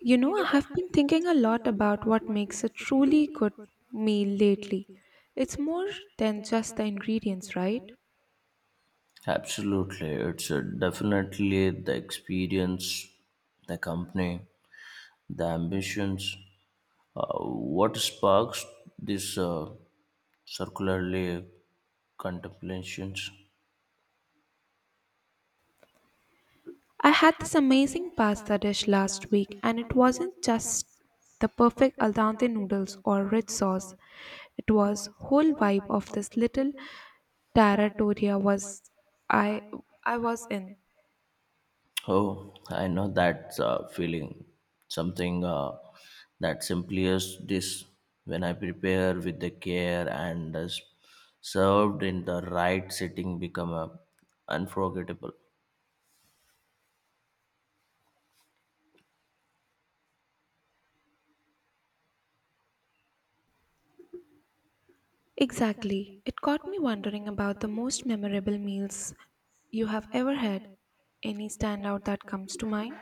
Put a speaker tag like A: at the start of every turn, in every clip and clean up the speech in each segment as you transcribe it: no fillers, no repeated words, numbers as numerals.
A: You know, I have been thinking a lot about what makes a truly good meal lately. It's more than just the ingredients, right?
B: Absolutely. It's definitely the experience, the company, the ambitions. What sparks this circularly contemplations?
A: I had this amazing pasta dish last week, and it wasn't just the perfect al dente noodles or rich sauce. It was whole vibe of this little territoria was I I was in.
B: Oh, I know that feeling. Something that simply is this when I prepare with the care and is served in the right setting become unforgettable.
A: Exactly. It caught me wondering about the most memorable meals you have ever had. Any standout that comes to mind?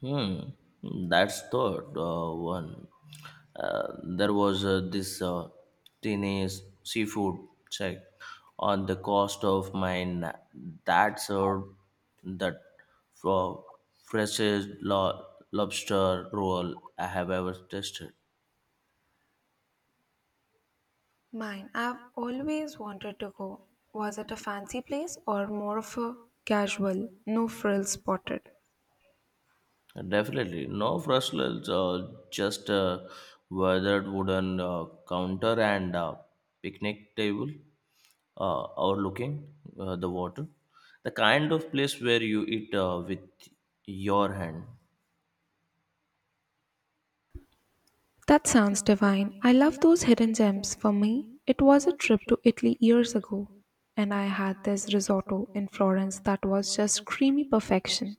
B: Hmm, that's thought one. There was this teenage seafood check on the cost of mine that served that for freshest lobster roll I have ever tasted.
A: Mine, I've always wanted to go. Was it a fancy place or more of a casual, no frills spotted?
B: Definitely, no frustles, just a weathered wooden counter and a picnic table. Overlooking the water, the kind of place where you eat with your hand.
A: That sounds divine. I love those hidden gems. For me, it was a trip to Italy years ago, and I had this risotto in Florence that was just creamy perfection.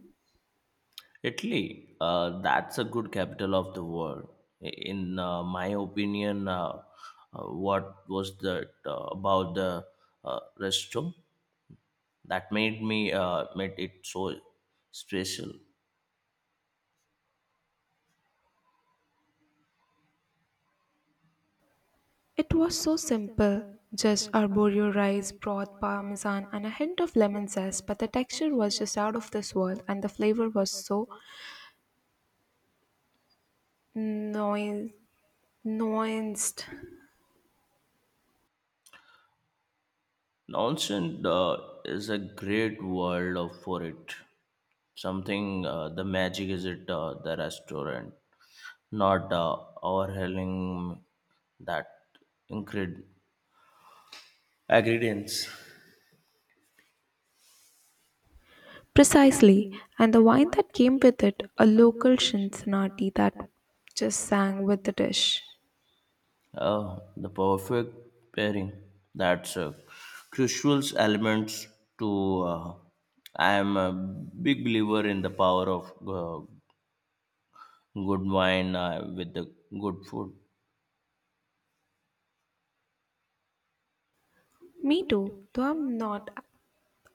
B: Italy, that's a good capital of the world. In my opinion, what was that about the resto that made me made it so special?
A: It was so simple just arborio rice, broth, parmesan, and a hint of lemon zest, but the texture was just out of this world and the flavor was so noi- nuanced.
B: Nonsense is a great world for it. Something the magic is it the restaurant, not overhauling that ingred- ingredients.
A: Precisely, and the wine that came with it, a local Cincinnati that just sang with the dish.
B: The perfect pairing. That's a crucial elements to. I am a big believer in the power of uh, good wine with the good food.
A: Me too, though I'm not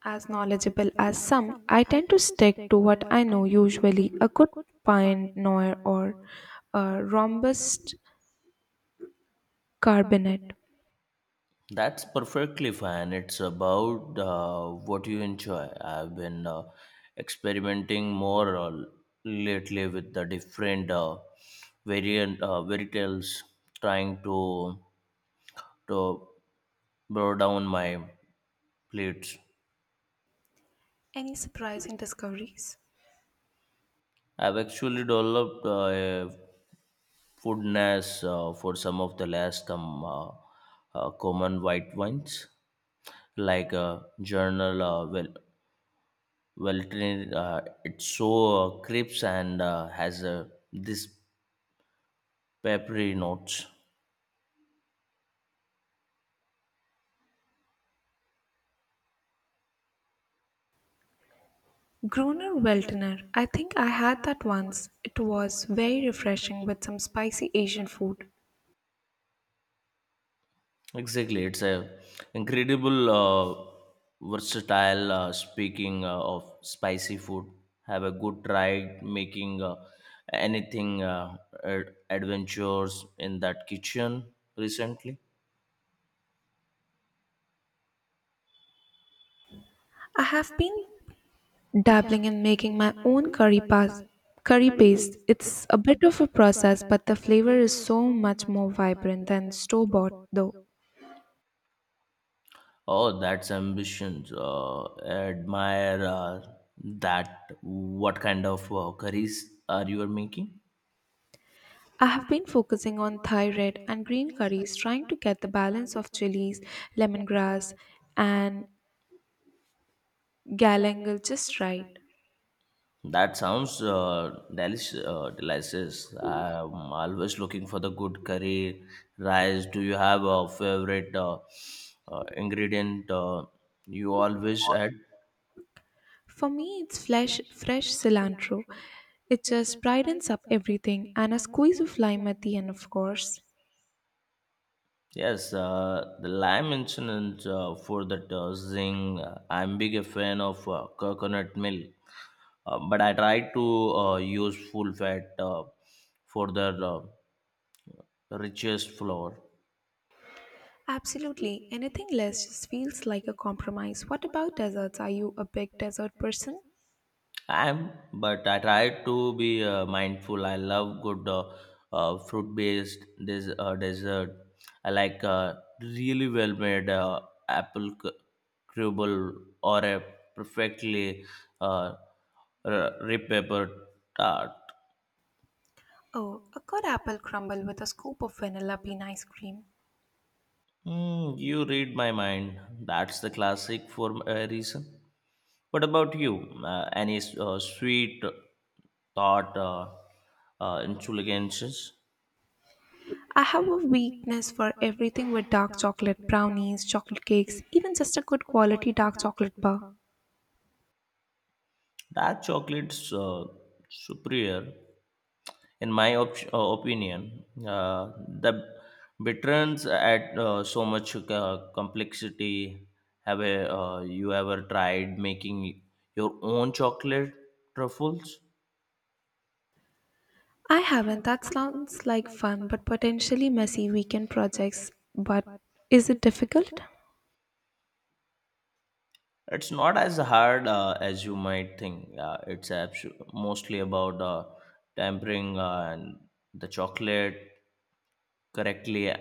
A: as knowledgeable as some, I tend to stick to what I know usually a good Pinot noir or a robust Cabernet.
B: That's perfectly fine. It's about what you enjoy. I've been experimenting more lately with the different variant fairy tales, trying to broaden down my plates.
A: Any surprising discoveries?
B: I've actually developed a foodness for some of the last common white wines, like Journal well. Well trained. It's so crisp and has this peppery notes.
A: Gruner Veltliner. I think I had that once. It was very refreshing with some spicy Asian food.
B: Exactly, it's a incredible versatile. Speaking of spicy food, have a good try making anything adventures in that kitchen recently.
A: I have been dabbling in making my own curry paste. It's a bit of a process, but the flavor is so much more vibrant than store bought though.
B: Oh, that's ambition. Admire that. What kind of curries are you making?
A: I have been focusing on Thai red and green curries, trying to get the balance of chilies, lemongrass, and galangal just right.
B: That sounds delicious. I'm always looking for the good curry rice. Do you have a favorite ingredient you always add?
A: For me, it's flesh, fresh cilantro. It just brightens up everything, and a squeeze of lime at the end, of course.
B: Yes, the lime incident for that zing. I'm big a fan of coconut milk, but I try to use full fat for the richest flour.
A: Absolutely. Anything less just feels like a compromise. What about desserts? Are you a big dessert person?
B: I am, but I try to be mindful. I love good fruit-based dessert. I like really well-made apple crumble or a perfectly uh, r- paper tart.
A: Oh, a good apple crumble with a scoop of vanilla bean ice cream.
B: Hmm, you read my mind. That's the classic for a reason. What about you? Any sweet thought intelligences?
A: I have a weakness for everything with dark chocolate, brownies, chocolate cakes, even just a good quality dark chocolate bar.
B: Dark chocolates superior, in my opinion. The bitterness add so much complexity. Have you ever tried making your own chocolate truffles?
A: I haven't. That sounds like fun but potentially messy weekend projects. But is it difficult?
B: It's not as hard as you might think. It's mostly about tempering and the chocolate correctly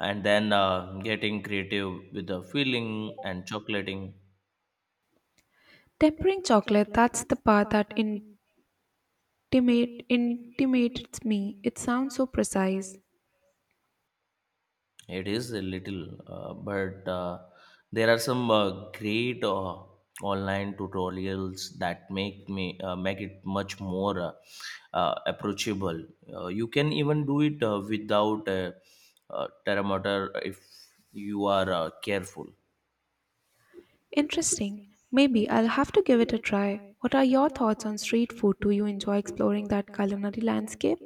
B: and then getting creative with the filling and chocolating
A: Tempering chocolate, that's the part that intimates me. It sounds so precise.
B: it is a little but there are some great online tutorials that make me make it much more approachable you can even do it without a thermometer if you are careful.
A: Interesting. Maybe I'll have to give it a try. What are your thoughts on street food? Do you enjoy exploring that culinary landscape?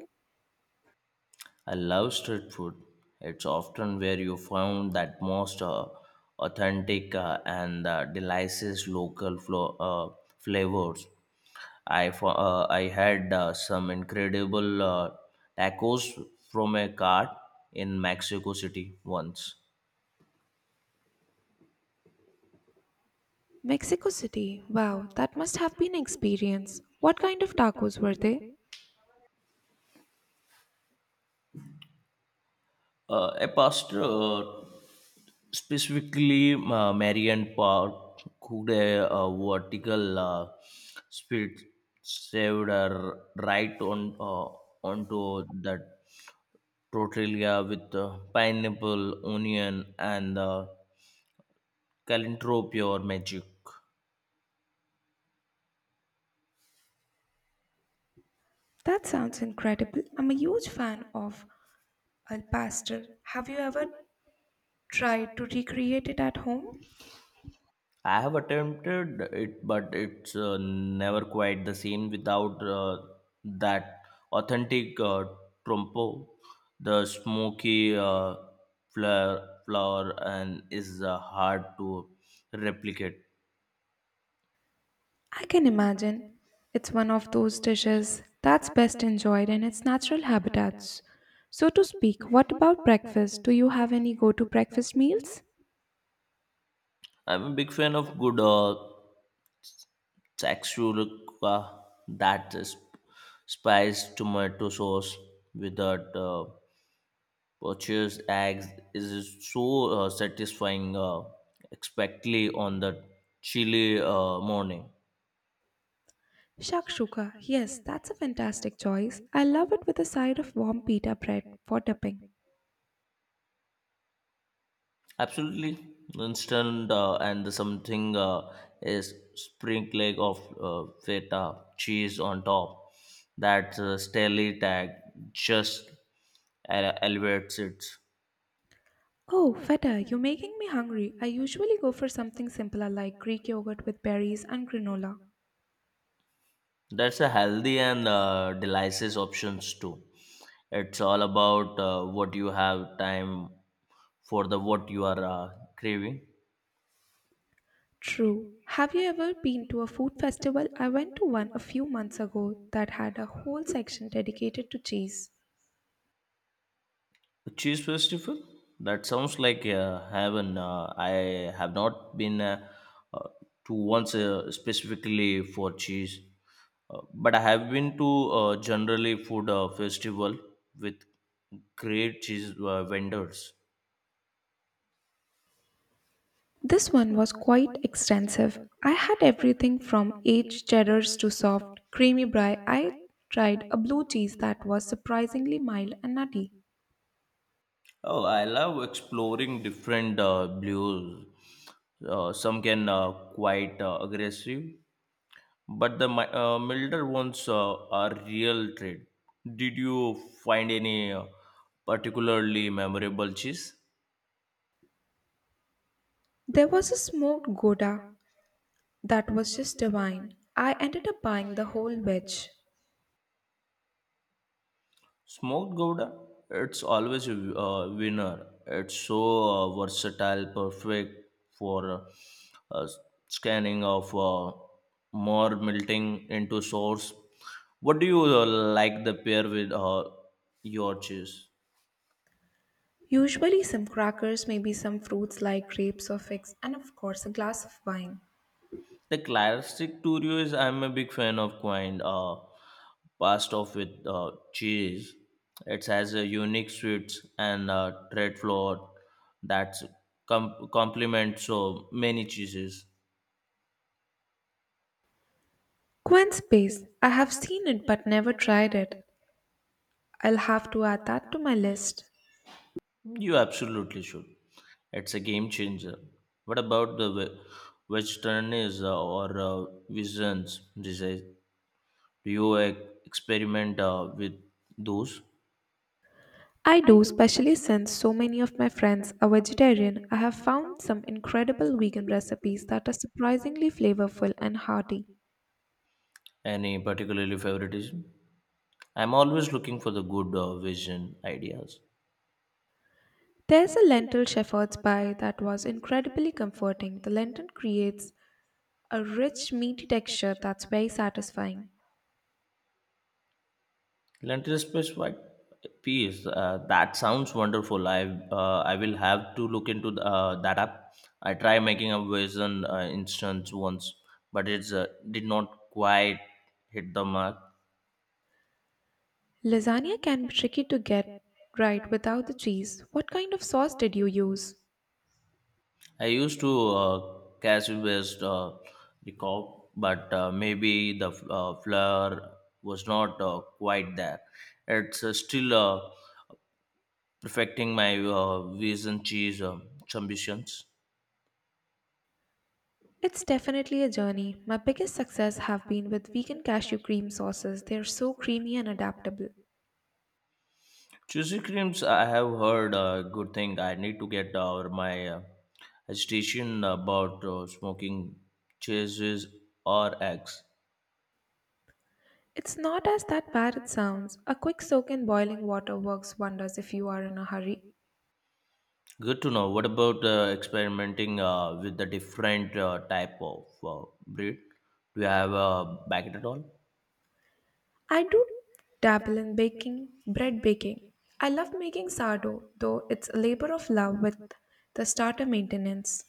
B: I love street food. It's often where you find that most authentic and delicious local flavors. I had some incredible tacos from a cart in Mexico City once.
A: Mexico City. Wow, that must have been an experience. What kind of tacos were they?
B: A pasta specifically, Marian Park cooked vertical split saved right on onto that tortilla with pineapple, onion, and calentropio or magic.
A: That sounds incredible. I'm a huge fan of Al Pastor, have you ever tried to recreate it at home?
B: I have attempted it, but it's never quite the same without that authentic trompo, the smoky flour, flower, and is hard to replicate.
A: I can imagine. It's one of those dishes that's best enjoyed in its natural habitats. So, to speak, what about breakfast? Do you have any go to breakfast meals?
B: I'm a big fan of good saxurica, that is spiced tomato sauce without. Purchase eggs is so satisfying, especially on the chilly morning.
A: Shakshuka, yes, that's a fantastic choice. I love it with a side of warm pita bread for dipping.
B: Absolutely instant, and the something is sprinkling of feta cheese on top. That stelly tag just elevates it.
A: Oh, feta, you're making me hungry. I usually go for something simpler like Greek yogurt with berries and granola.
B: That's a healthy and delicious options too. It's all about what you have time for the what you are craving.
A: True. Have you ever been to a food festival? I went to one a few months ago that had a whole section dedicated to cheese.
B: A cheese festival? That sounds like heaven. I have not been uh, to once specifically for cheese, but I have been to generally food festival with great cheese vendors.
A: This one was quite extensive. I had everything from aged cheddars to soft, creamy brie. I tried a blue cheese that was surprisingly mild and nutty.
B: Oh, I love exploring different blues. Some can quite aggressive, but the milder ones are real treat. Did you find any particularly memorable cheese?
A: There was a smoked Gouda that was just divine. I ended up buying the whole wedge.
B: Smoked Gouda, it's always a winner. It's so versatile, perfect for uh, scanning of more melting into sauce. What do you like the pair with your cheese?
A: Usually, some crackers, maybe some fruits like grapes or figs, and of course, a glass of wine.
B: The classic Turio is I'm a big fan of Quine. Passed off with cheese. It has a unique sweets and tread flour that complement so many cheeses.
A: Quinn Space. I have seen it but never tried it. I'll have to add that to my list.
B: You absolutely should. It's a game changer. What about the vegetarianism or visions disease? Do you experiment with those?
A: I do, especially since so many of my friends are vegetarian. I have found some incredible vegan recipes that are surprisingly flavorful and hearty.
B: Any particularly favoritism? I'm always looking for the good vision ideas.
A: There's a lentil shepherd's pie that was incredibly comforting. The lentil creates a rich, meaty texture that's very satisfying.
B: Lentil space white piece. That sounds wonderful. I will have to look into that app. I tried making a vision instance once, but it's did not quite hit the mark.
A: Lasagna can be tricky to get right without the cheese. What kind of sauce did you use?
B: I used to cashew based recall, but maybe the flour was not quite there. It's still perfecting my vegan cheese ambitions.
A: It's definitely a journey. My biggest success have been with vegan cashew cream sauces. They're so creamy and adaptable.
B: Cheesy creams, I have heard good thing. I need to get over my hesitation about smoking cheeses or eggs.
A: It's not as that bad it sounds. A quick soak in boiling water works wonders if you are in a hurry.
B: Good to know. What about experimenting with the different type of breed? Do you have a back at all?
A: I do dabble in baking, bread baking. I love making sourdough, though it's a labor of love with the starter maintenance.